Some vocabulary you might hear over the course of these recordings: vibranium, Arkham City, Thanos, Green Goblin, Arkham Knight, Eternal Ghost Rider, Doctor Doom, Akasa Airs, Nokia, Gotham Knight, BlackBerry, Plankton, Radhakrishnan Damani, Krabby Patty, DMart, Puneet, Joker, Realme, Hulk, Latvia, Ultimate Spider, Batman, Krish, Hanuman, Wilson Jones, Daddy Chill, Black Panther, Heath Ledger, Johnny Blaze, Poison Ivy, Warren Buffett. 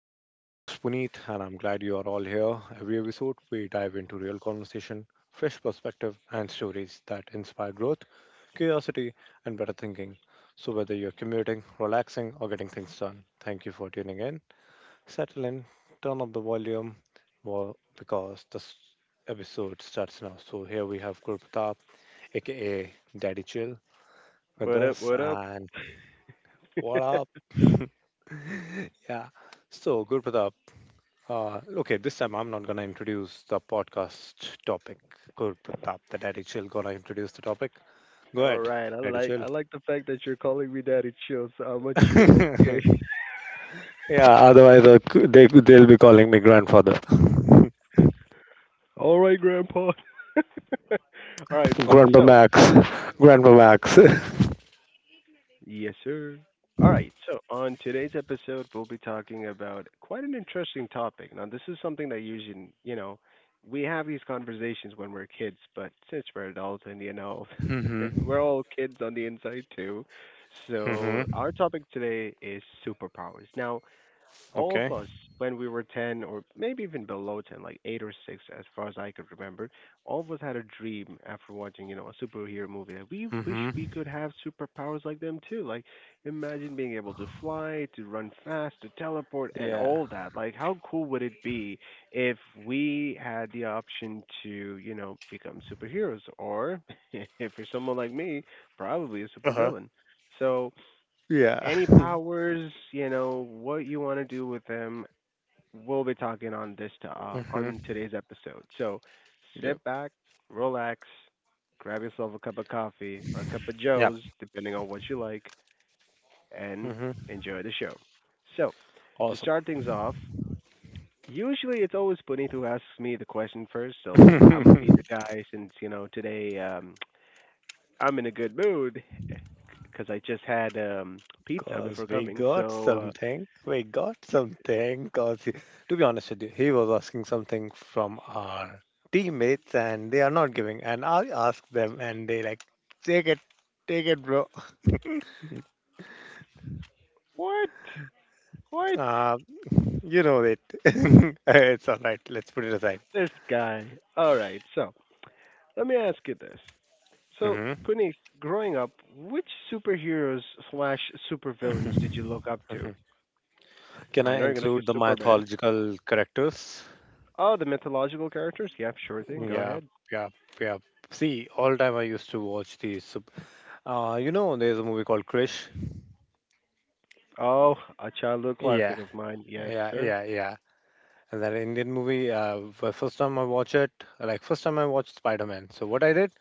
I'm your host Puneet, and I'm glad you are all here. Every episode, we dive into real conversation, fresh perspective, and stories that inspire growth, curiosity, and better thinking. So, whether you're commuting, relaxing, or getting things done, thank you for tuning in. Settle in, turn up the volume, well, because this episode starts now. So, here we have Gurpatap, aka Daddy Chill, with What up? us, What up? and what up? Yeah. So, Gurpatap. Okay, this time I'm not going to introduce the podcast topic. Good, Pratap, the Daddy Chill, going to introduce the topic. Go All ahead, right. I Daddy like Chill. I like the fact that you're calling me Daddy Chill, so I'm a chill. Okay. Yeah, otherwise they'll be calling me grandfather. All right, Grandpa. All right, folks. Grandpa So, Max. Grandpa Max. yes, sir. All right. So, on today's episode, we'll be talking about quite an interesting topic. Now, this is something that usually, you know, we have these conversations when we're kids, but since we're adults and, you know, Mm-hmm. we're all kids on the inside too. Mm-hmm. So, our topic today is superpowers. Now, all Okay. of us when we were 10 or maybe even below 10, like 8 or 6, as far as I could remember, all of us had a dream after watching, you know, a superhero movie that we wish Mm-hmm. we could have superpowers like them too. Like imagine being able to fly, to run fast, to teleport, and Yeah. all that. Like how cool would it be if we had the option to, you know, become superheroes, or if you're someone like me, probably a Uh-huh. supervillain. So Yeah. any powers, you know, what you want to do with them, we'll be talking on this to, on Mm-hmm. today's episode. So Yep. sit back, relax, grab yourself a cup of coffee or a cup of Yeah. Joe's, depending on what you like, and Mm-hmm. enjoy the show. So to Awesome. start things off, usually it's always Puneet who asks me the question first, so I'm gonna be the guy since, you know, today I'm in a good mood because I just had pizza Cause before we coming, got so something, we got something. To be honest with you, he was asking something from our teammates, and they are not giving. And I ask them, and they like, take it, take it, bro. What? What? Uh, you know it. It's all right. Let's put it aside. This guy. All right. So let me ask you this. So, Hmm Puneet, growing up, which superheroes slash supervillains did you hmm. look up to? Can I I know you're gonna say include the Superman. mythological characters? Oh, the mythological characters. Yeah, sure thing. Go Yeah, ahead. yeah, yeah. See, all time I used to watch these. You know, there's a movie called Krish. Oh, a childhood Yeah, classic of mine. Yes, yeah, sir. yeah, yeah. And that Indian movie, first time I watch it, like first time I watched Spider-Man. So what I did,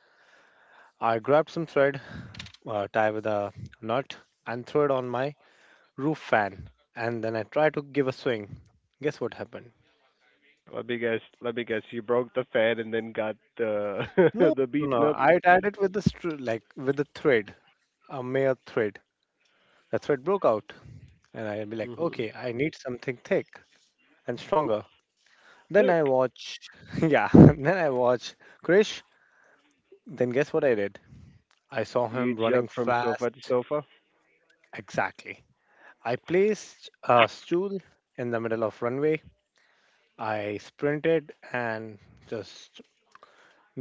I grabbed some thread, tie with a knot, and threw it on my roof fan. And then I tried to give a swing. Guess what happened? Let me guess. Let me guess. You broke the fan and then got the No, the no, no. beaten up. I tied it with the like with the thread, a mere thread. The thread broke out, and I'd be like, Hmm. okay, I need something thick and stronger. Then I Dick. watch, yeah. Then I watch Krish. Then guess what I did? I saw You him running jumped from sofa to fast. sofa. Exactly. I placed a stool in the middle of runway. I sprinted and just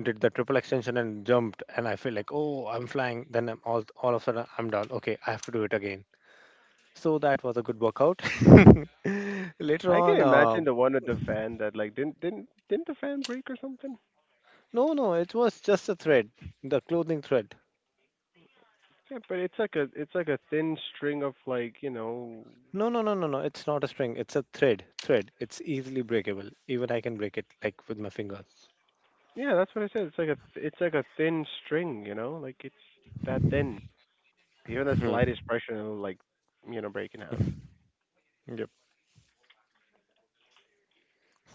did the triple extension and jumped, and I feel like, oh, I'm flying. Then I'm all of a sudden I'm done. Okay, I have to do it again, so that was a good workout. Later I can on, imagine the one with the fan that, like, didn't the fan break or something? no no, it was just a thread, the clothing thread. Yeah, but it's like a, it's like a thin string of, like, you know, No no no no no, it's not a string, it's a thread, thread. It's easily breakable, even I can break it like with my fingers. yeah, that's what I said. It's like a it's like a thin string, you know, like it's that thin. Even the Hmm. slightest pressure will, like, you know, break in half.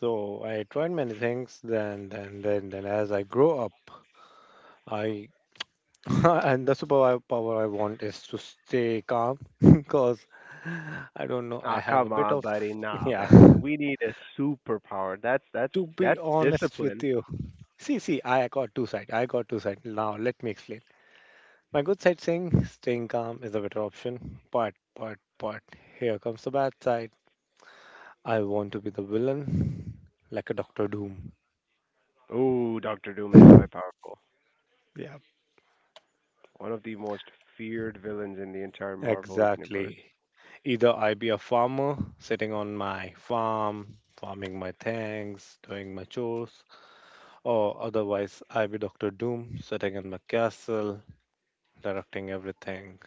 So I tried many things. Then, as I grow up, I and the superpower I want is to stay calm. Because I don't know. I Ah, have a come bit on, of buddy, nah, yeah. man. We need a superpower. That's To be that's honest with discipline. you, see, see, I got two sides. Now let me explain. My good side saying staying calm is a better option, but here comes the bad side. I want to be the villain, like a Doctor Doom. Ooh, Doctor Doom is quite powerful. Yeah. One of the most feared villains in the entire Marvel universe. Exactly. Either I be a farmer sitting on my farm, farming my things, doing my chores, or otherwise I be Doctor Doom sitting in my castle, directing everything.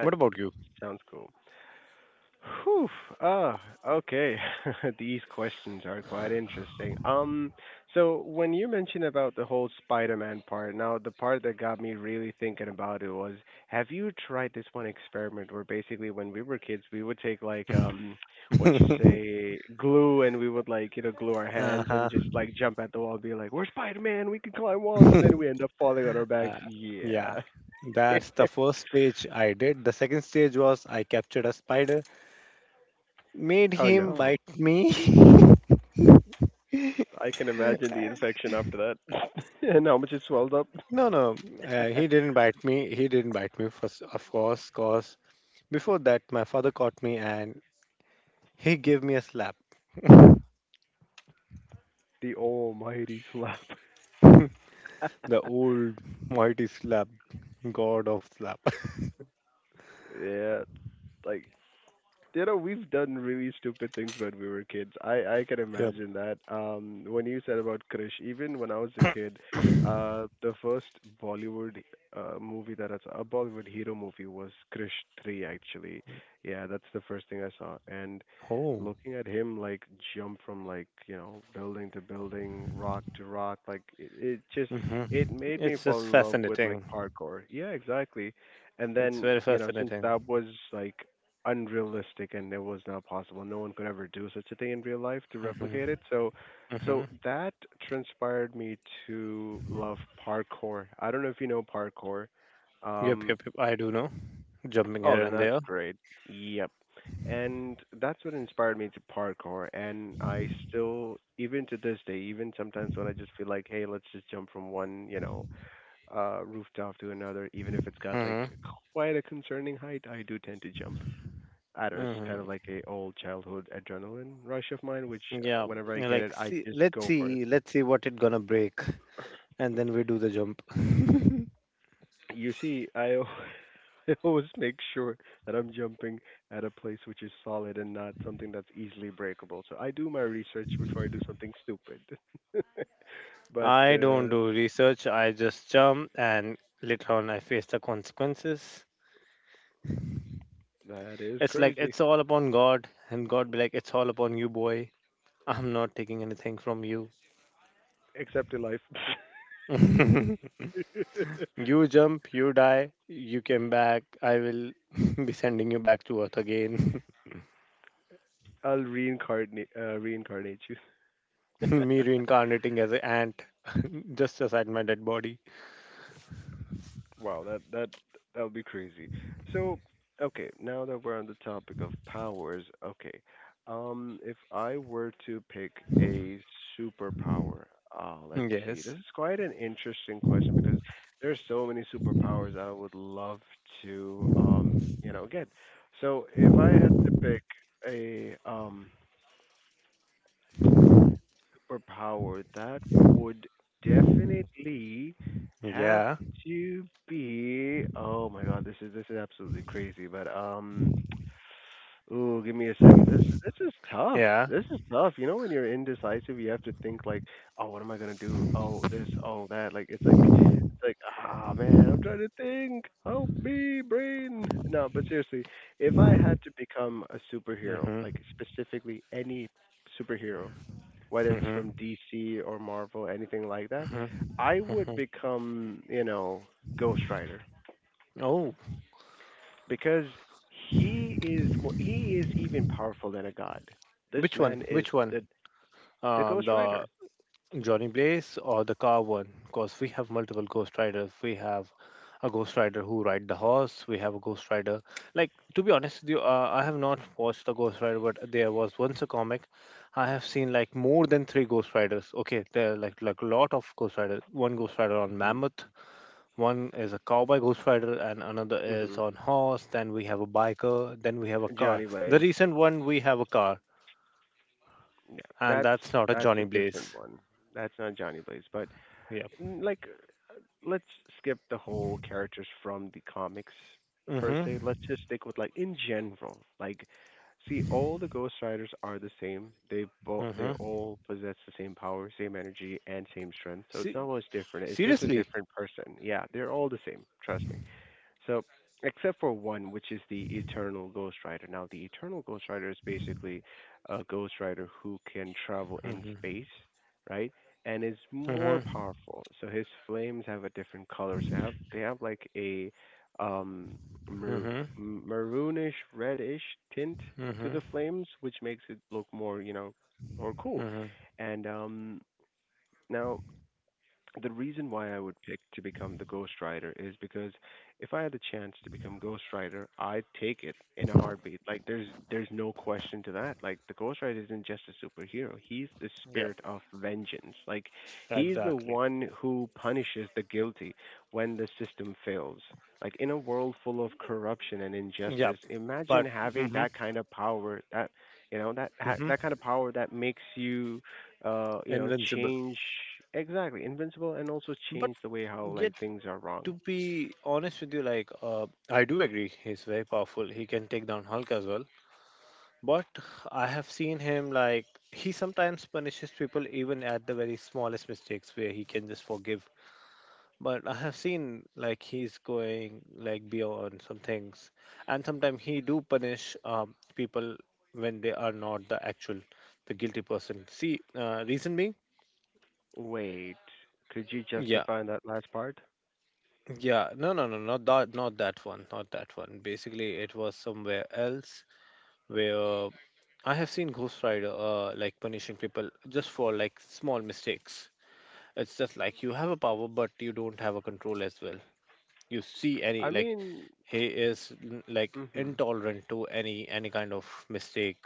What about sounds cool. Whew. Oh, okay. These questions are quite interesting. So when you mentioned about the whole Spider-Man part, now the part that got me really thinking about it was, have you tried this one experiment where basically when we were kids, we would take like what you you? say, glue, and we would, like, you know, glue our hands and Uh-huh. just like jump at the wall and be like, we're Spider-Man, we can climb walls, and then we end up falling on our backs. Uh, yeah. Yeah. That's the first stage I did. The second stage was I captured a spider, made Oh him no. bite me. I can imagine the infection after that and how much it swelled up. No, no, he didn't bite me. He didn't bite me, first, of course, cause before that, my father caught me and he gave me a slap. The The almighty slap. old mighty slap, god of slap. Yeah. Like, you know, we've done really stupid things when we were kids. I can Yep. imagine that. When you said about Krish, even when I was a kid, the first Bollywood movie that I saw, a Bollywood hero movie, was Krish 3 actually. Yeah, that's the first thing I saw. And Oh. looking at him, like, jump from, like, you know, building to building, rock to rock, like, it just Hmm. it made me It's fall just in love with, like, fascinating. parkour. Yeah, exactly. And It's then, very you know, since fascinating. that was like unrealistic and it was not possible. No one could ever do such a thing in real life to replicate Hmm. it. So Hmm. so that transpired me to love parkour. I don't know if you know parkour. Yep, Um yep, yep. I do know. Jumping oh, here then and that's there. great. Yep. And that's what inspired me to parkour, and I still, even to this day, even sometimes when I just feel like, hey, let's just jump from one, you know, rooftop to another, even if it's got like Hmm. quite a concerning height, I do tend to jump. I don't know, it's Hmm. kind of like a old childhood adrenaline rush of mine, which, Yeah. whenever I get it, Like, I see, just let's go for it. see, let's see what it gonna break, and then we do the jump. You see, I al- I always make sure that I'm jumping at a place which is solid and not something that's easily breakable. So I do my research before I do something stupid. But I don't do research. I just jump, and later on, I face the consequences. that is It's like crazy. it's all upon God, and God be like, "It's all upon you, boy. I'm not taking anything from you. Except in life, You jump, you die, you came back. I will be sending you back to Earth again." I'll reincarnate reincarnate you. Me reincarnating as an ant, just aside my dead body. Wow, that that would be crazy. So, okay, now that we're on the topic of powers, okay, if I were to pick a superpower, let's see. This Yes. is quite an interesting question because there's so many superpowers that I would love to, you know, get. So, if I had to pick a superpower, that would definitely have Yeah. to be. Oh my God, this is absolutely crazy. But ooh, give me a second. This is tough. Yeah. This is tough. You know, when you're indecisive, you have to think like, oh, what am I gonna do? Oh, this, oh, that. Like it's like ah man, I'm trying to think. Help me, brain. No, but seriously, if I had to become a superhero, Mm-hmm. like specifically any superhero, whether it's from Mm-hmm. DC or Marvel, anything like that, Mm-hmm. I would Mm-hmm. become, you know, Ghost Rider Oh, because he is even powerful than a god. This which one? man is Which one? The Um, Ghost the Rider. Johnny Blaze or the car one? Because we have multiple ghost riders. We have a ghost rider who ride the horse. We have a ghost rider. Like to be honest with you, I have not watched the ghost rider, but there was once a comic. I have seen like more than three ghost riders. Okay, there are like a lot of ghost riders. One ghost rider on Mhm. mammoth. One is a cowboy ghost rider, and another is Mhm. on horse. Then we have a biker. Then we have a car. Johnny The Blaze. recent one we have a car, Yeah, and that's that's not a that's a Johnny different Blaze. one. That's not Johnny Blaze, but Yep. Like let's skip the whole characters from the comics per Mm-hmm. se. Let's just stick with, like, in general. Like, see, all the Ghost Riders are the same. They Mm-hmm. all possess the same power, same energy, and same strength. So it's Se- not much different. It's just a Seriously? different person. Yeah, they're all the same. Trust me. So, except for one, which is the Eternal Ghost Rider. Now, the Eternal Ghost Rider is basically a Ghost Rider who can travel in Mm-hmm. space, right? And is more Mm-hmm. powerful. So his flames have a different colors. They have like a um mar- Mm-hmm. maroonish reddish tint to Mm-hmm. the flames, which makes it look more, you know, more cool. Mm-hmm. And now the reason why I would pick to become the ghostwriter is because if I had the chance to become ghostwriter, I'd take it in a heartbeat. Like there's no question to that. Like the ghostwriter isn't just a superhero. He's the Yep. spirit of vengeance. Like he's the Exactly. one who punishes the guilty when the system fails. Like in a world full of corruption and Yep. injustice, imagine But having mm-hmm. that kind of power that you know that that Mm-hmm. kind of power that makes you you know, Invincible. change exactly invincible and also But change the way how yet, like things are to wrong. be honest with you, like I do agree, he's very powerful. He can take down Hulk as well. But I have seen him like he sometimes punishes people even at the very smallest mistakes, where he can just forgive. But I have seen like he's going like beyond some things, and sometimes he do punish people when they are not the actual, the guilty person. See, reason being, Wait, could you yeah, justify that last part? yeah, no, no, no, not that, not that one, not that one. Basically, it was somewhere else where I have seen Ghost Rider like punishing people just for like small mistakes. It's just like you have a power, but you don't have a control as well. You see any I like mean, he is like mhm. intolerant to any kind of mistake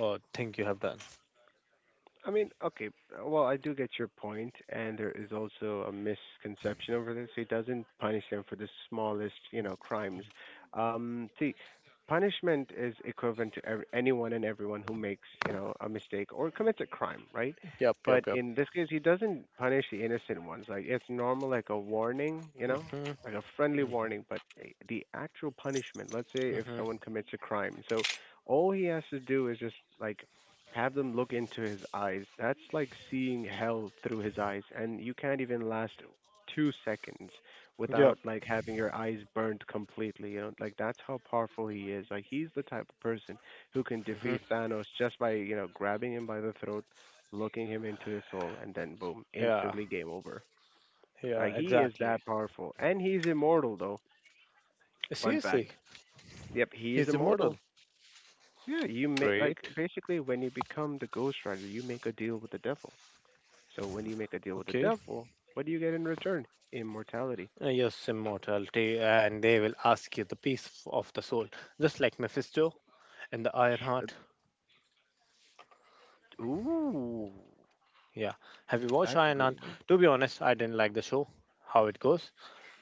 or thing you have done. I mean, okay, well, I do get your point, and there is also a misconception over this. He doesn't punish them for the smallest, you know, crimes. See, punishment is equivalent to anyone and everyone who makes, you know, a mistake or commits a crime, right? Yep yep But yep. in this case, he doesn't punish the innocent ones. Like it's normal, like a warning, you know, Hmm. like a friendly Hmm. warning. But the actual punishment, let's say, if Hmm. someone commits a crime, so all he has to do is just like have them look into his eyes. That's like seeing hell through his eyes, and you can't even last 2 seconds Yep. without like having your eyes burned completely. You know, like that's how powerful he is. Like he's the type of person who can Hmm. defeat Thanos just by, you know, grabbing him by the throat, looking him into the soul, and then boom, Yeah, instantly game over. yeah, Like he is exactly. that powerful, and he's immortal though. Fun fact. Seriously? Yep, he is He's immortal. immortal. Yeah, you may like Great. basically when you become the Ghost Rider, you make a deal with the devil. So when you make a deal with the Okay. devil, what do you get in return? Immortality. Yes, immortality, and they will ask you the of the soul, just like Mephisto and the Iron Ch- Heart. Ooh, Yeah, have you watched that's a Iron good Heart? one. To be honest, I didn't like the show, how it goes,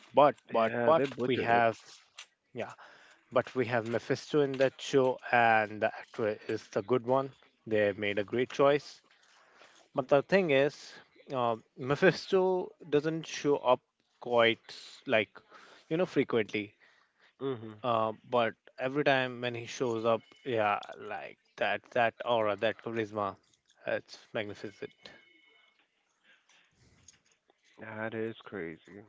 but but Yeah, but they we butchered it. have, yeah, but we have Mephisto in that show, and the actor is the good one. They made a great choice. But the thing is, Mephisto doesn't show up quite you know, frequently. Mhm. But every time when he shows up, yeah, like that, that aura, that charisma, it's magnificent. That is crazy.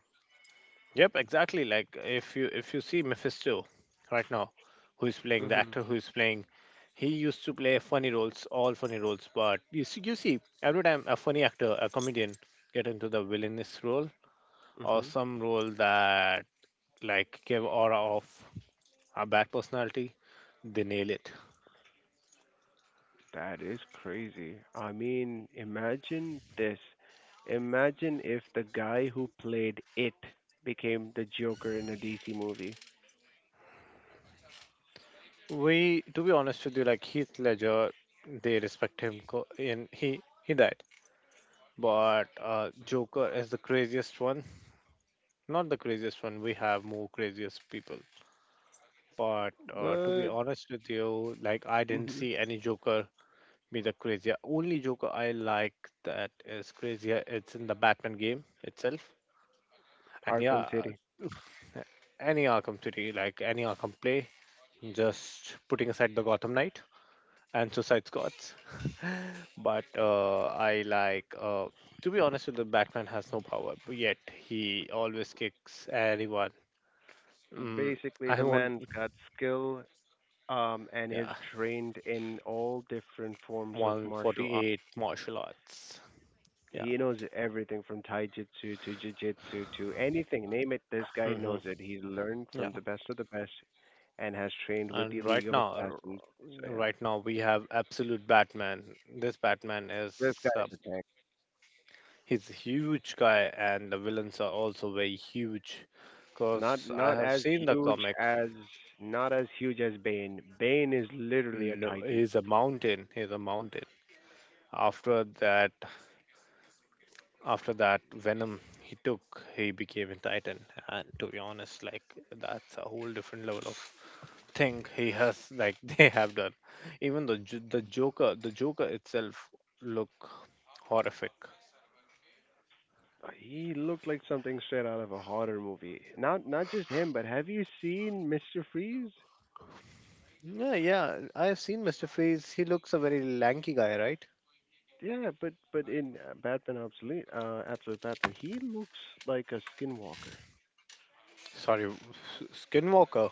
Yep, exactly. Like if you see Mephisto right now, who is playing, the Mhm. actor who is playing, he used to play funny roles, all funny roles. But you see every time a funny actor, a comedian, get into the villainous role or Mhm. some role that like give aura of a bad personality, they nail it. That is crazy. I mean, imagine this. Imagine if the guy who played it became the Joker in a DC movie. We, to be honest with you, like Heath Ledger, they respect him, and he died. But Joker is the craziest one. Not the craziest one, we have more craziest people. But to be But honest with you, like I didn't mhm. see any Joker be the crazier. Only Joker I like that is crazier, it's in the Batman game itself. And Arkham yeah, City. any Arkham City, like any Arkham play, just putting aside the Gotham Knight and Suicide Squads. But I like, to be honest with you, Batman has no power, but yet he always kicks anyone. Mm, Basically, I the won't. man's got skill, and has Yeah, trained in all different forms of martial arts. 148 martial arts. Yeah. He knows everything from Tai Jitsu to Jiu Jitsu to anything. Name it, this guy Hmm. knows it. He's learned Yeah. from the best of the best and has trained with And the right League of now, Assassins. So yeah, right now we have absolute Batman. This Batman is this guy uh, is a tank. he's a huge guy, and the villains are also very huge. Not Cause I not have as seen the huge comic. as not as huge as Bane. Bane is literally a No, titan. he's a mountain. He's a mountain. After that, after that venom he took, he became a titan. And to be honest like that's a whole different level of thing he has like they have done, even the joker, the joker itself look horrific. He looked like something straight out of a horror movie. Not just him, but have you seen Mr. Freeze? Yeah, yeah. I have seen Mr. Freeze. He looks a very lanky guy, right? Yeah, but in Batman Absolute, Absolute Batman, he looks like a skinwalker. Sorry. Skinwalker.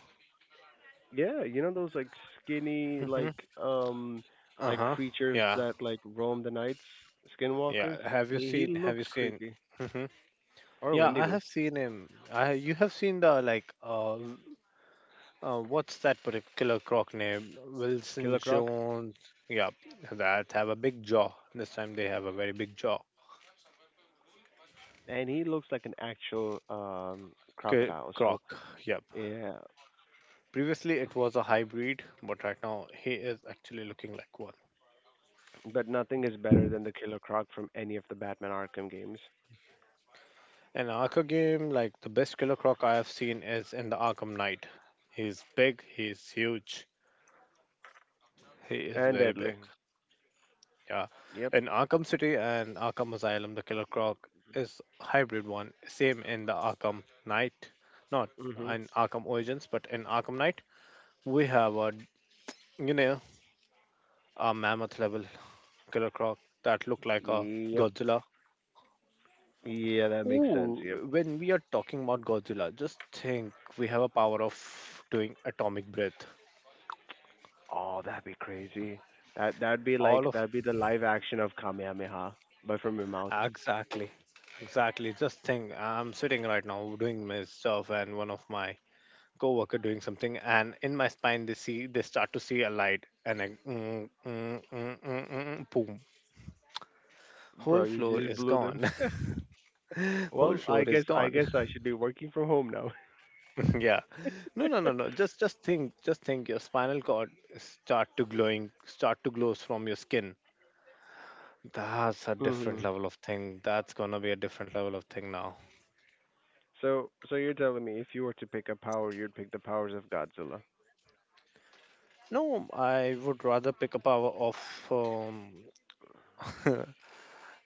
Yeah, you know those skinny Hmm. Um like Uh-huh. creatures Yeah, that like roam the nights, skinwalkers. yeah, have you He seen have you looks seen creepy. hmm, Or yeah, I have Wendigo, seen him. I you have seen the, like, uh, what's that particular croc name? Wilson Killer Croc, Jones. Yep, that have a big jaw. This time they have a very big jaw. and he looks like an actual crocodile. Croc. So Yep. yeah, Previously it was a hybrid, but right now he is actually looking like one. but nothing is better than the Killer Croc from any of the Batman Arkham games. An Arkham game, like the best killer croc I have seen is in the Arkham Knight. He's big. He's huge. He is And very big. deadly. Yeah. Yep. In Arkham City and Arkham Asylum, the Killer Croc is hybrid one. Same in the Arkham Knight, not Mhm. in Arkham Origins, but in Arkham Knight, we have a, you know, a mammoth level Killer Croc that look like a Yep. Godzilla. Yeah, that makes sense. Ooh, Yep. when we are talking about Godzilla, just think we have a power of doing atomic breath. Oh, that'd be crazy. That that'd be All like of that'd be the live action of Kamehameha, but from your mouth. exactly, exactly. Just think, I'm sitting right now doing my stuff, and one of my co-worker doing something, and in my spine they see they start to see a light, and I, mm, mm, mm, mm, mm, mm, boom, whole Bro, you floor just is blew them. gone. Whole Well, floor I is guess I gone. guess I should be working from home now. Yeah, no, no, no, no. Just think, just think. Your spinal cord start to glowing, start to glows from your skin. That's a different hmm level of thing. That's gonna be a different level of thing now. so you're telling me if you were to pick a power, you'd pick the powers of Godzilla. No, I would rather pick a power of um,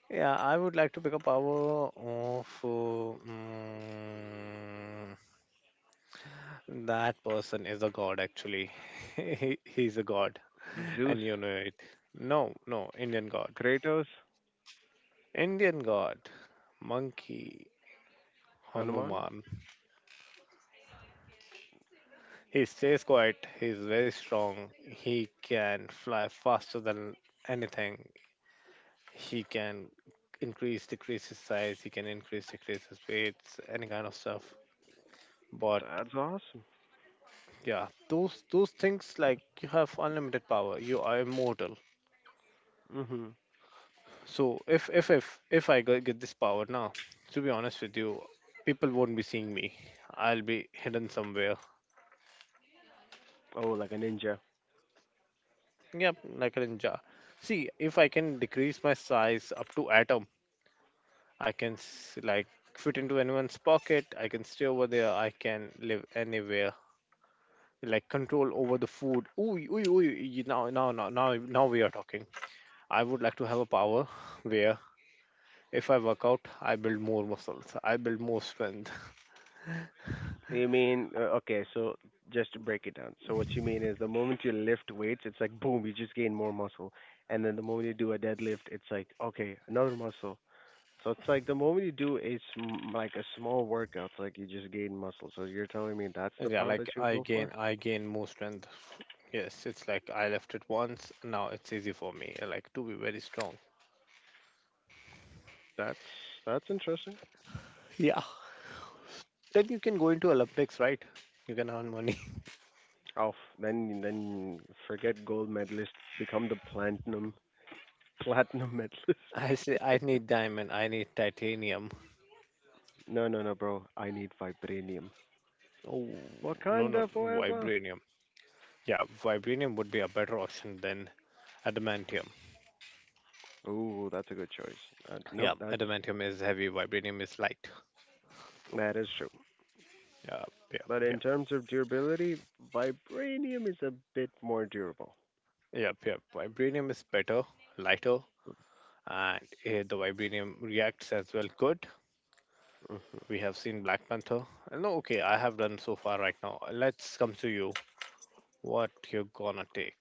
yeah, I would like to pick a power of that person is a god actually. He's a god, and Zeus, you know it. No, no, Indian god. Kratos, Indian god, monkey, Hanuman? Hanuman. He stays quiet, he's very strong, he can fly faster than anything, he can increase, decrease his size, he can increase, decrease his weights, any kind of stuff. But That's awesome. yeah, those things, like you have unlimited power. You are immortal. hmm So if get this power now, to be honest with you, people won't be seeing me. I'll be hidden somewhere. Oh, like a ninja. Yep, like a ninja. See, if I can decrease my size up to atom, I can s- like fit into anyone's pocket. I can stay over there. I can live anywhere. Like control over the food. Ooh, ooh, ooh. Now, now, now, now, now we are talking. I would like to have a power where if I work out, I build more muscles. I build more strength. You mean okay? So just to break it down. So what you mean is the moment you lift weights, it's like boom, you just gain more muscle, and then the moment you do a deadlift, it's like okay, another muscle. So it's like the moment you do like a small workout, it's like you just gain muscle. So you're telling me that's And the yeah, power like that you would go for? I gain more strength. Yes, it's like I left it once. Now it's easy for me, like to be very strong. That's that's interesting. Yeah. Then you can go into Olympics, right? You can earn money. Oh, then forget gold medalist, become the platinum medalist. I say I need diamond. I need titanium. No, bro. I need vibranium. Oh, no, no, no, Wakanda forever. vibranium. Yeah, vibranium would be a better option than adamantium. Ooh, that's a good choice. Uh, Yeah, nope, that's adamantium is heavy. Vibranium is light. that is true. Yeah, yeah, But yeah. in terms of durability, vibranium is a bit more durable. Yep, yep. Vibranium is better, lighter, and the vibranium reacts as well. Good. Mhm. We have seen Black Panther. No, okay, I have done so far right now. Let's come to you. What you're gonna take?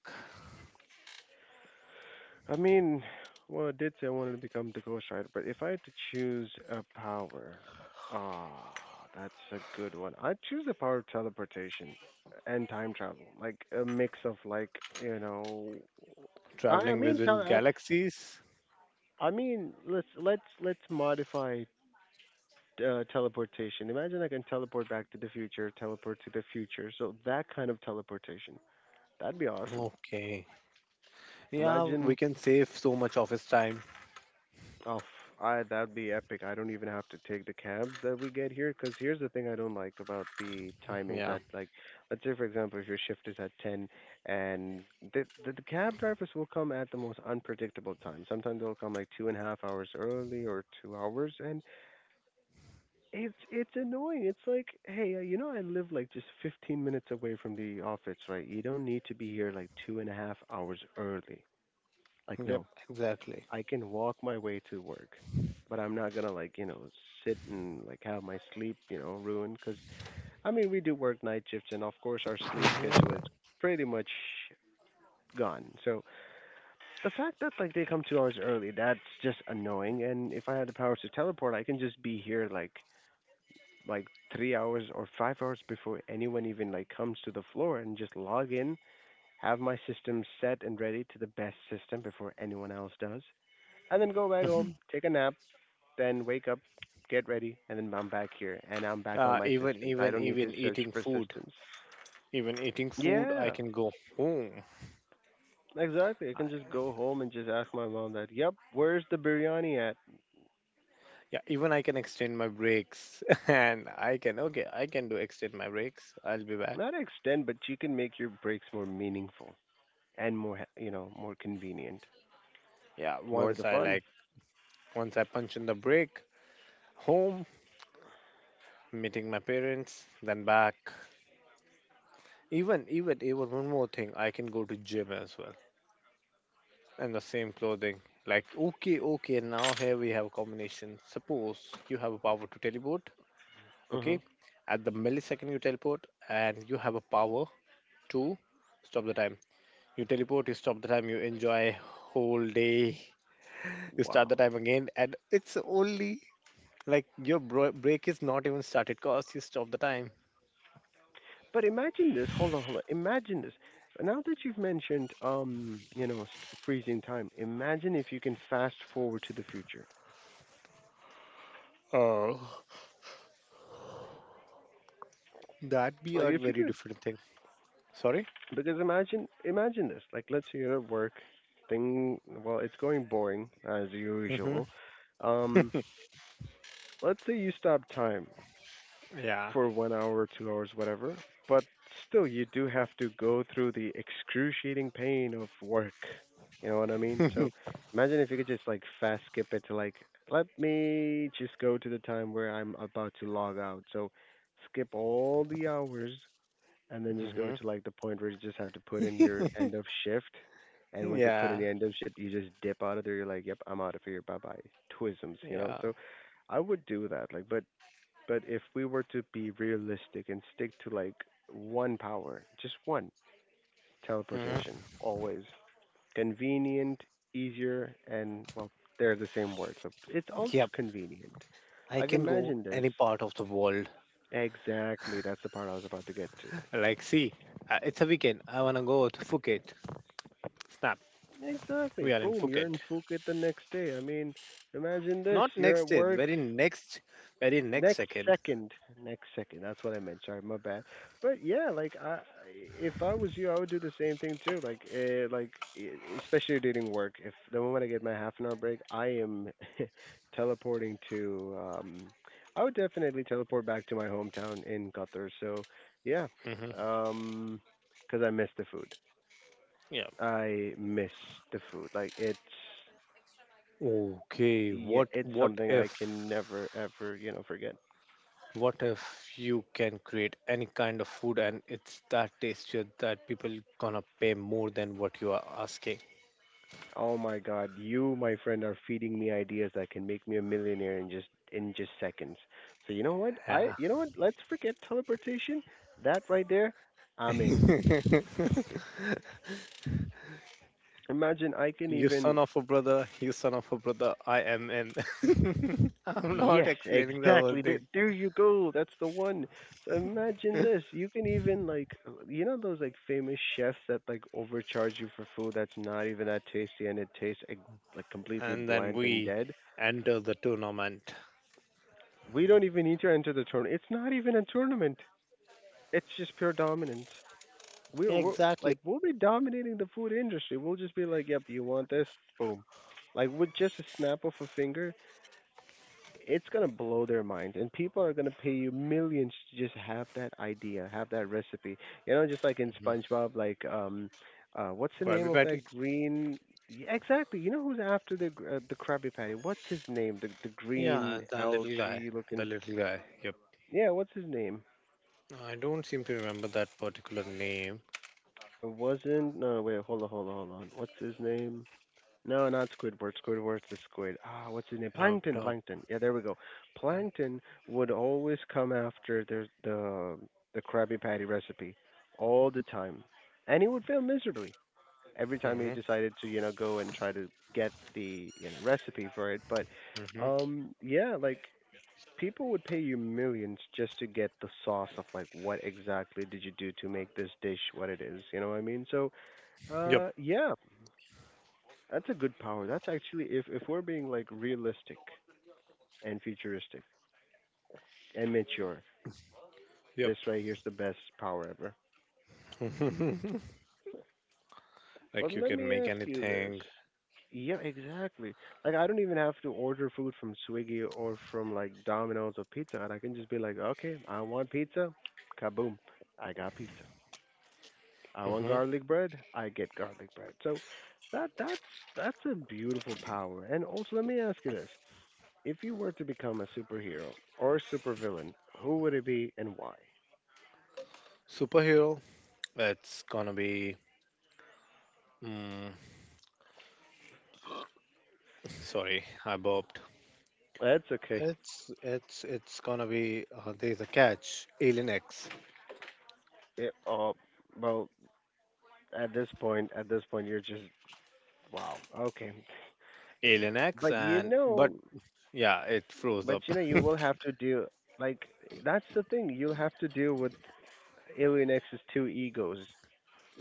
I mean, well, I did say I wanted to become the Ghost Rider, but if I had to choose a power, ah, that's a good one. I'd choose the power of teleportation and time travel, like a mix of you know, I Traveling I mean, within tele- galaxies? Let's modify teleportation. Imagine I can teleport back to the future, teleport to the future. So that kind of teleportation. That'd be awesome. Okay. Yeah, we Imagine, can save so much of his time. oh, f- I that'd be epic. I don't even have to take the cabs that we get here. Cause here's the thing I don't like about the timings. Yeah. That like, let's say for example, if your shift is at ten, and the cab drivers will come at the most unpredictable time. Sometimes they'll come like 2.5 hours early or 2 hours, and it's annoying. It's like, hey, you know, I live like just 15 minutes away from the office, right? You don't need to be here like 2.5 hours early. Like, Yep, no, exactly. I can walk my way to work, but I'm not gonna like, you know, sit and like have my sleep, you know, ruined. Because I mean, we do work night shifts, and of course, our sleep schedule Mhm. is pretty much gone. So the fact that like they come 2 hours early, that's just annoying. And if I had the powers to teleport, I can just be here like 3 hours or 5 hours before anyone even like comes to the floor and just log in, have my system set and ready to the best system before anyone else does, and then go back home, take a nap, then wake up, get ready, and then I'm back here and I'm back on my Even systems. even I don't need even to search eating for food. systems. Even eating food, I Yeah, can go home. exactly. I I, can just go home and just ask my mom that, yep, where's the biryani at? yeah, even I can extend my breaks, and I can okay, I can do extend my breaks. I'll be back. Not extend, but you can make your breaks more meaningful and more, you know, more convenient, Yeah, more once the I like fun. once I punch in the break, home, meeting my parents, then back. Even even even one more thing, I can go to gym as well. And the same clothing. Like okay, okay, now here we have a combination. Suppose you have a power to teleport, okay? hmm At the millisecond you teleport and you have a power to stop the time. You teleport, you stop the time, you enjoy whole day. You start the Wow. time again and it's only like your break is not even started cause you stop the time. But imagine this. Hold on, hold on. Imagine this. Now that you've mentioned, you know, freezing time, imagine if you can fast forward to the future. Oh, that be a Like if you very could, different thing. Sorry? because imagine, imagine this. Like let's say you're at work, thing. Well, it's going boring as Hmm. usual. Um, let's say you stop time Yeah. for 1 hour, 2 hours, whatever. But still, you do have to go through the excruciating pain of work. You know what I mean? So imagine if you could just like fast skip it to like, let me just go to the time where I'm about to log out. So skip all the hours and then just Hmm. go to like the point where you just have to put in your end of shift. And once you put Yeah. in the end of shift, you just dip out of there. You're like, yep, I'm out of here. Bye bye. Twisms, you Yeah. know? So I would do that. Like, but if we were to be realistic and stick to like one power, just one, Hmm. teleportation, always convenient, easier, and well, they're the same word. So it's Yep. ultra convenient. I Like can go imagine any this. part of the world. Exactly, that's the part I was about to get to. Like, see, it's a weekend. I wanna go to Phuket. Snap. We Exactly. are in Boom, you're Phuket. in Phuket the next day. I mean, imagine Not this. You're next at day. work, Very next. Very next Next second. second, next second. That's what I meant. Sorry, my bad. But yeah, like I, if I was you, I would do the same thing too. Like, especially during work. If the moment I get my half an hour break, I am teleporting to. I would definitely teleport back to my hometown in Qatar. So, yeah, Hmm. um, because I miss the food. Yeah. I miss the food. Like it's, Okay. yeah, What? it's What something if? I can never ever you know forget. What if you can create any kind of food and it's that tastier that people gonna pay more than what you are asking? Oh my God, you, my friend, are feeding me ideas that can make me a millionaire in just seconds. So you know what? Yeah. I you know what? Let's forget teleportation. That right there, I'm in. Imagine I can You son even. of a brother, you son of a brother, I am in. I'm not Yes, explaining the whole exactly. thing. There you go. That's the one. So imagine this. You can even like, you know those like famous chefs that like overcharge you for food that's not even that tasty and it tastes like completely And then bland and we dead. enter the tournament. We don't even need to enter the tournament. It's not even a tournament. It's just pure dominance. Yeah, We're exactly. like we'll be dominating the food industry. We'll just be like, "Yep, you want this? Boom!" Like with just a snap of a finger, it's gonna blow their minds, and people are gonna pay you millions to just have that idea, have that recipe. You know, just like in Hmm. SpongeBob, like what's the Krabby name of Patty? that green? Yeah, exactly. You know who's after the Krabby Patty? What's his name? The Yeah, green the little guy. algae The looking. little guy. Yep. Yeah, what's his name? I don't seem to remember that particular name. It wasn't. No, no, wait. Hold on, hold on, hold on. What's his name? No, not Squidward. Squidward's the squid. Ah, what's his name? Nope, Plankton. nope. Plankton. Yeah, there we go. Plankton would always come after the Krabby Patty recipe all the time, and he would fail miserably every time Mm-hmm, he decided to you know go and try to get the you know recipe for it. But mm-hmm. Yeah, like people would pay you millions just to get the sauce of like what exactly did you do to make this dish what it is. You know what I mean? So Yep, yeah, that's a good power. That's actually if we're being like realistic and futuristic and mature, yep. this right here's the best power ever. Like But you let can me make ask you anything. this. Yeah, exactly. Like I don't even have to order food from Swiggy or from like Domino's or Pizza Hut. I can just be like, okay, I want pizza, kaboom, I got pizza. I Hmm. want garlic bread, I get garlic bread. So that that's that's a beautiful power. And also, let me ask you this: If you were to become a superhero or a supervillain, who would it be and why? Superhero, it's gonna be. Mm, sorry, I burped. That's okay. It's gonna be. There's a catch. Alien X. It well at this point. At this point, you're just wow. Okay, Alien X, but you and but know, yeah, it froze but up. you know, you will have to deal. Like that's the thing. You'll have to deal with Alien X's two egos.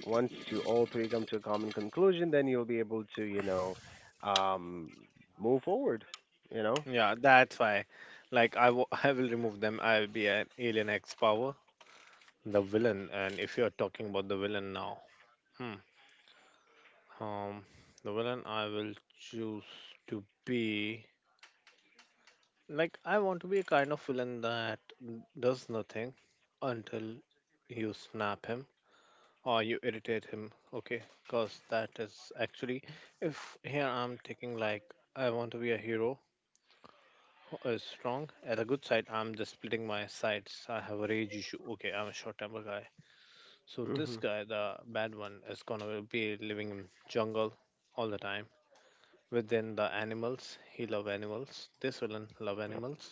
Once you all three come to a common conclusion, then you'll be able to, you know, um, move forward. You know. Yeah, that's why. Like I will remove them. I'll be an Alien X power. The villain, and if you're talking about the villain now, hmm, um, the villain I will choose to be. Like, I want to be a kind of villain that does nothing until you snap him or you irritate him, okay? Because that is actually, if here I'm taking like, I want to be a hero who is strong. At a good side, I'm just splitting my sides. I have a rage issue. Okay, I'm a short temper guy. So this hmm guy, the bad one, is gonna be living in jungle all the time. Within the animals, he love animals. This villain love animals.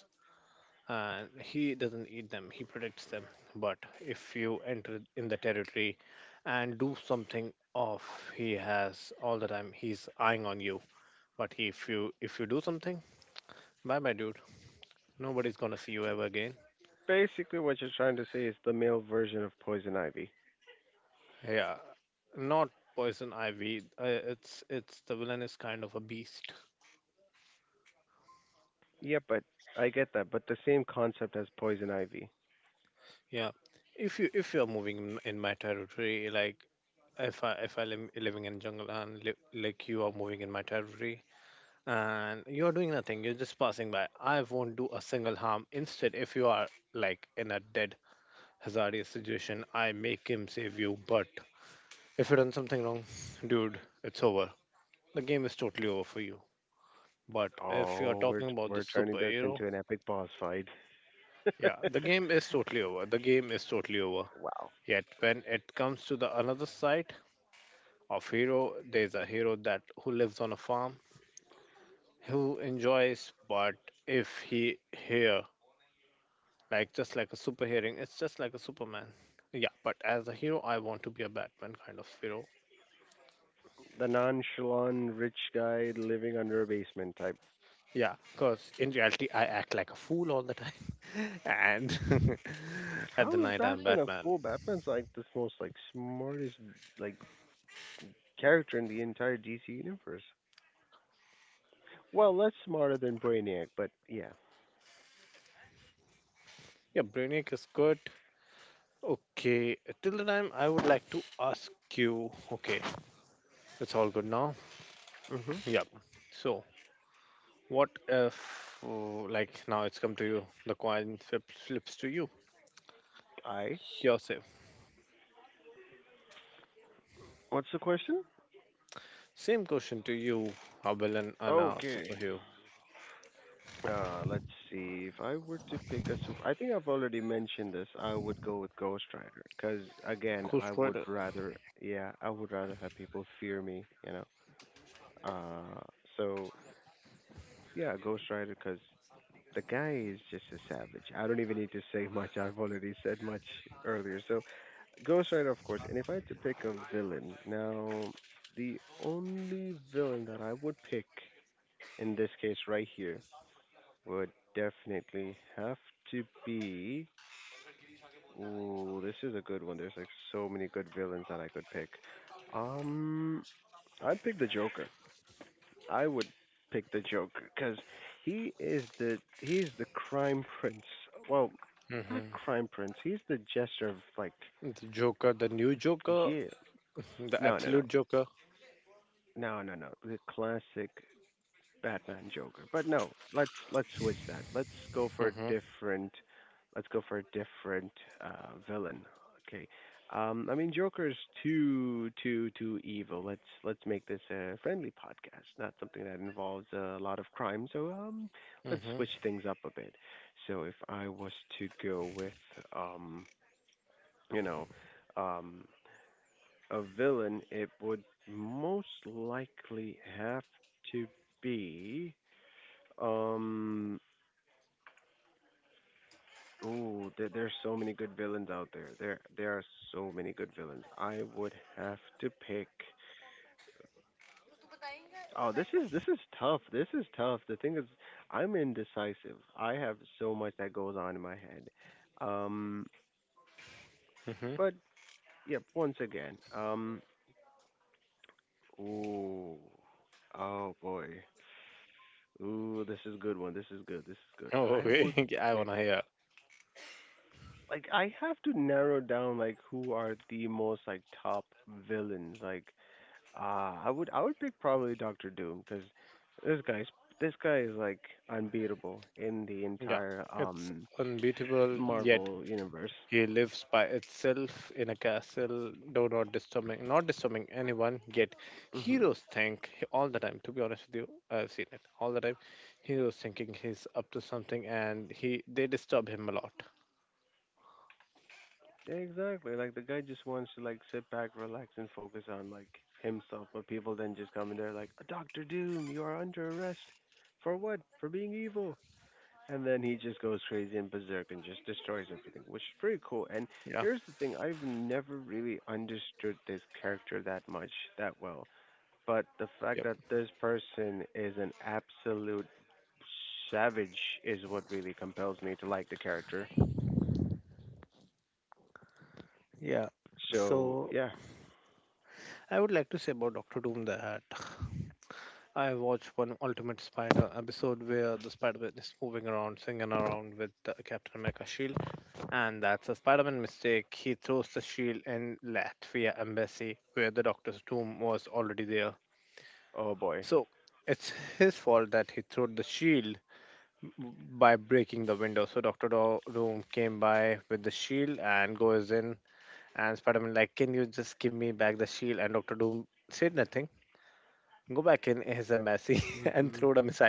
He doesn't eat them, he protects them. But if you enter in the territory and do something off, he has all the time he's eyeing on you. But if you do something, bye bye, dude. Nobody's gonna see you ever again. Basically what you're trying to say is the male version of Poison Ivy. Yeah, not poison ivy. It's the villain is kind of a beast. Yeah, but I get that, but the same concept as Poison Ivy. Yeah, if you're moving in my territory, like if I live living in jungle and like you are moving in my territory, and you're doing nothing, you're just passing by, I won't do a single harm. Instead, if you are like in a dead hazardous situation, I make him save you. But if you done something wrong, dude, it's over. The game is totally over for you. But if you're Oh, talking we're about the we're turning this superhero, into an epic boss fight. yeah, the game is totally over, the game is totally over. Yet when it comes to the another side of hero, there's a hero that who lives on a farm, who enjoys, but if he here, like just like a super hearing, it's just like a Superman. Yeah, but as a hero I want to be a Batman kind of hero. The nonchalant rich guy living under a basement type. Yeah, because in reality I act like a fool all the time. And at the How is night I'm Batman a Batman. fool? Batman's like the most like smartest like character in the entire DC universe. Well, less smarter than Brainiac, but yeah. Yeah, Brainiac is good. Okay, till the time I would like to ask you, okay, it's all good now. Mhm. Yeah. So what if like now it's come to you the coin flip, flips to you, I. yourself. What's the question? Same question to you: a villain and a Okay. superhero. Let's see. If I were to pick a super, I think I've already mentioned this. I would go with Ghost Rider because, again, Ghost I Rider. would rather, yeah, I would rather have people fear me. Uh, so yeah, Ghost Rider because the guy is just a savage. I don't even need to say much. I've already said much earlier. So Ghost Rider, of course. And if I had to pick a villain, now the only villain that I would pick in this case right here would definitely have to be. Ooh, this is a good one. There's, like, so many good villains that I could pick. Um, I'd pick the Joker. I would pick the Joker because he's the crime prince. Well, Mm-hmm. not crime prince. He's the jester of, like, The Joker, the new Joker, yeah. the No, no, absolute no, Joker. no, no, no. The classic Batman Joker. But no, let's switch that. Let's go for a Mm-hmm. different let's go for a different villain. Okay. I mean, Joker is too evil. Let's make this a friendly podcast, not something that involves a lot of crime. So let's Mm-hmm. switch things up a bit. So if I was to go with um you know um a villain, it would most likely have to be um, ooh, there's so many good villains out there. There are so many good villains. I would have to pick. Oh, this is tough. This is tough. The thing is, I'm indecisive. I have so much that goes on in my head. Um, Mm-hmm. but yep, once again. Ooh, oh boy. Ooh, this is good one. This is good. This is good. Oh, I would wait, I wanna pick. hear. Like, I have to narrow down, like, who are the most, like, top villains. Like, I would pick, probably, Doctor Doom, because this guy's this guy is like unbeatable in the Yeah, entire it's unbeatable. Yet Marvel universe. he lives by itself in a castle. No, not disturbing, not disturbing anyone. Yet Hmm heroes think all the time. To be honest with you, I've seen it all the time. Heroes thinking he's up to something, and he they disturb him a lot. Exactly. Like, the guy just wants to, like, sit back, relax, and focus on, like, himself. But people then just come in there like, Doctor Doom, you are under arrest. For what? For being evil. And then he just goes crazy and berserk and just destroys everything, which is pretty cool. And Yeah. here's the thing, I've never really understood this character that much, that well. But the Yep. fact that this person is an absolute savage is what really compels me to like the character. Yeah. So, So yeah. I would like to say about Doctor Doom that I watched one Ultimate Spider episode where the Spider-Man is moving around, swinging around with the Captain America shield, and that's a Spider-Man mistake. He throws the shield in Latvia embassy where the Doctor's Doom was already there. Oh boy. So it's his fault that he threw the shield by breaking the window. So Doom came by with the shield and goes in, and Spider-Man like, "Can you just give me back the shield?" And Doctor Doom said nothing. Go back in his embassy and throw Hmm the missile.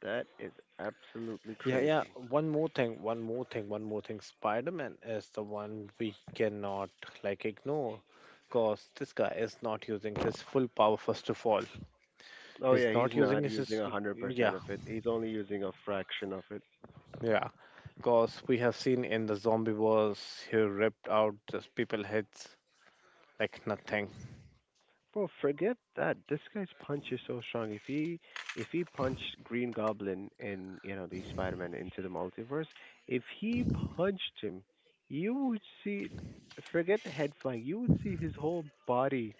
That is absolutely Yeah, yeah. crazy. One more thing, one more thing, one more thing. Spider-Man is the one we cannot like ignore because this guy is not using his full power first of all. He's Oh, yeah, not he's using not his- using a Yeah, 100% of it, he's only using a fraction of it. yeah. Because we have seen in the zombie wars, he ripped out just people heads like nothing. Well, forget that. This guy's punch is so strong. If he punched Green Goblin and, you know, the Spider Man into the multiverse, if he punched him, you would see, forget the head flying, you would see his whole body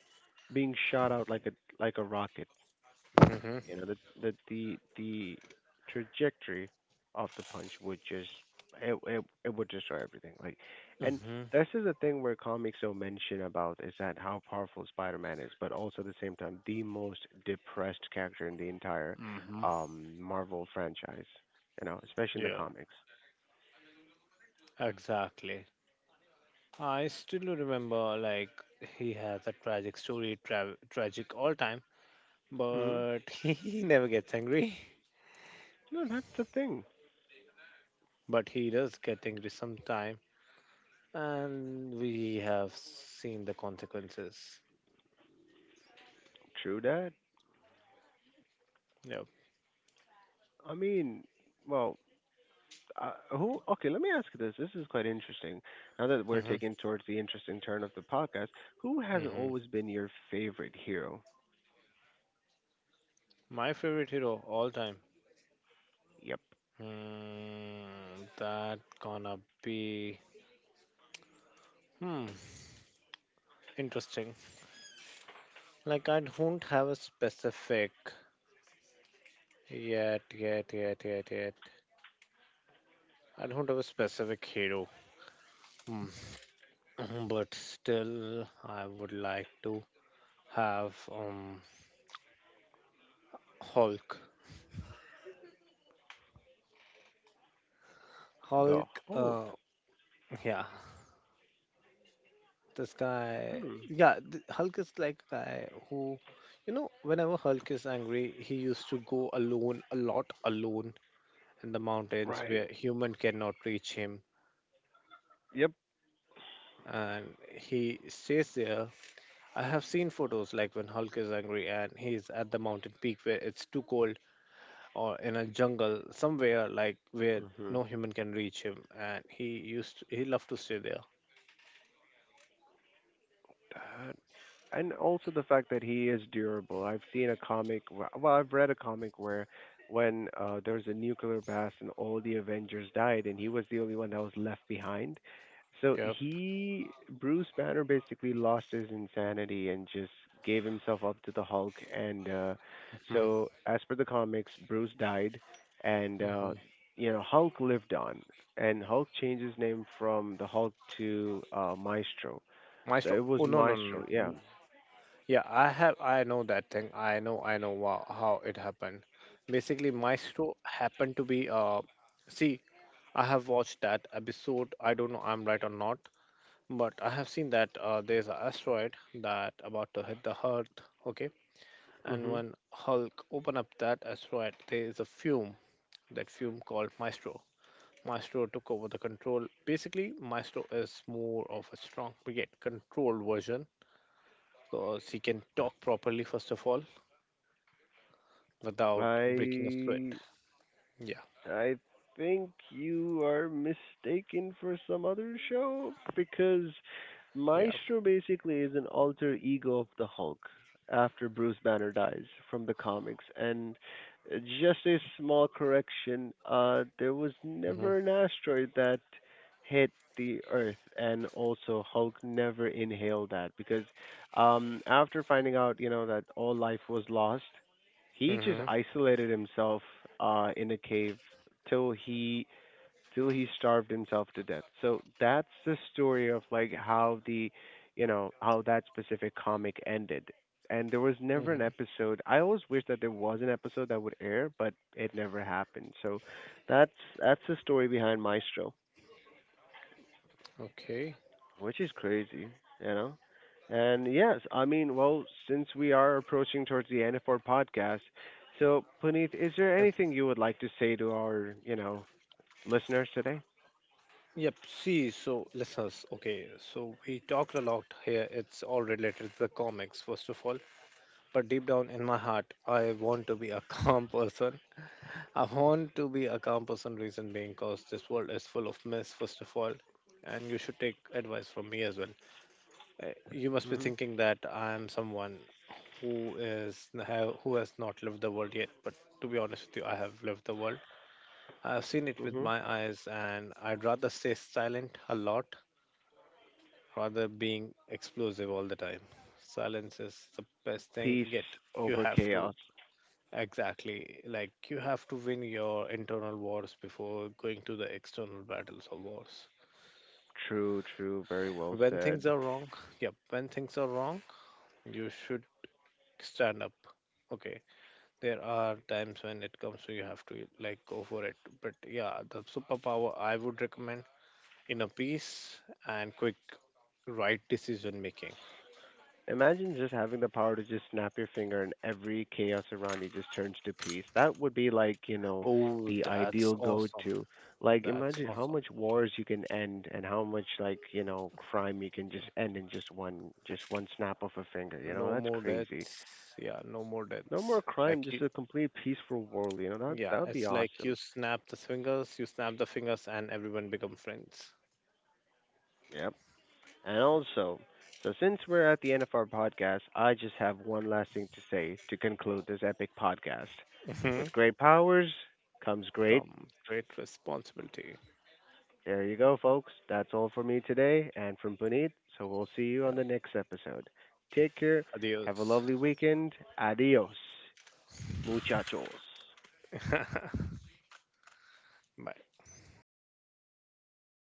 being shot out like a rocket. Hmm. You know, that the trajectory of the punch would just, it would destroy everything. Like, and Hmm. this is the thing where comics don't mention about, is that how powerful Spider-Man is, but also at the same time the most depressed character in the entire Hmm. Marvel franchise. You know, especially in Yeah, the comics. exactly. I still remember like he has a tragic story, tragic all time, Hmm but he never gets angry. No, that's the thing. But he does get angry sometime, and we have seen the consequences. True that. Yep. I mean, well, who? Okay, let me ask you this. This is quite interesting. Now that we're Hmm. taking towards the interesting turn of the podcast, who has Hmm. always been your favorite hero? My favorite hero all time. Yep, Hmm, that gonna be hmm interesting. Like I don't have a specific, yet, yet, yet, yet, yet. I don't have a specific hero. Hmm. But still, I would like to have Hulk. the Hulk, Hulk. yeah, this guy, Hmm. yeah, Hulk is like a guy who, you know, whenever Hulk is angry, he used to go alone, a lot alone in the mountains where Right. human cannot reach him, Yep. and he stays there. I have seen photos like when Hulk is angry and he's at the mountain peak where it's too cold, or in a jungle somewhere like where no hmm human can reach him, and he used to, he loved to stay there. That, and also the fact that he is durable. I've seen a comic, well, I've read a comic where when there was a nuclear blast and all the Avengers died, and he was the only one that was left behind. So Yep. he, Bruce Banner, basically lost his insanity and just gave himself up to the Hulk. And so, as per the comics, Bruce died, and Hmm. You know, Hulk lived on. And Hulk changed his name from the Hulk to Maestro. Maestro. So it Oh was no, no, no, Maestro, no. yeah. Yeah, I have. I know that thing. I know. I know wow, how it happened. Basically, Maestro happened to be. See, I have watched that episode. I don't know. I'm right or not, but I have seen that there's an asteroid that about to hit the Earth. Okay, and hmm when Hulk open up that asteroid, there is a fume. That fume called Maestro. Maestro took over the control. Basically, Maestro is more of a strong brigade controlled version because he can talk properly, first of all, without breaking a sweat. I Yeah, I think you are mistaken for some other show, because yeah. Maestro basically is an alter ego of the Hulk after Bruce Banner dies, from the comics. And just a small correction, there was Hmm. never an asteroid that hit the Earth, and also Hulk never inhaled that because after finding out, you know, that all life was lost, he Hmm. just isolated himself in a cave till he till he starved himself to death. So that's the story of like how the, you know, how that specific comic ended. And there was never Hmm. an episode. I always wish that there was an episode that would air, but it never happened. So that's that's the story behind Maestro, Okay. which is crazy, you know. And yes, I mean, well, since we are approaching towards the end of our podcast, so Puneet, is Yep. there anything you would like to say to our, you know, listeners today? Yep. See, so listeners, okay, so we talked a lot here. It's all related to the comics, first of all. But deep down in my heart, I want to be a calm person. I want to be a calm person, reason being because this world is full of mess, first of all. And you should take advice from me as well. You must be thinking that I am someone who is have, who has not lived the world yet. But to be honest with you, I have lived the world. I have seen it with Mhm. my eyes, and I'd rather stay silent a lot rather being explosive all the time. Silence is the best thing yet. Peace You over have to chaos. exactly like you have to win your internal wars before going to the external battles or wars. True, true, very well When things are said. wrong, yep, when things are wrong, you should stand up. Okay, there are times when it comes to you have to like go for it. But yeah, the superpower I would recommend: inner peace and quick right decision making. Imagine just having the power to just snap your finger and every chaos around you just turns to peace. That would be, like, you know, Oh, the that's ideal go awesome. to. Like, That's imagine awesome. how much wars you can end and how much, like, you know, crime you can just end in just one, just one snap of a finger, No you know, more that's crazy. deaths. Yeah, no more No deaths. more Like you, crime, just a complete peaceful world, you know, that yeah, that'd it's be like you awesome. snap the fingers, you snap the fingers and everyone become friends. Yep. And also, so since we're at the end of our podcast, I just have one last thing to say to conclude this epic podcast. Hmm. With great powers comes great. Come great responsibility. There you go, folks. That's all for me today and from Puneet. So we'll see Yeah. you on the next episode. Take care. Have Adios. a lovely weekend. Adios, muchachos. Bye.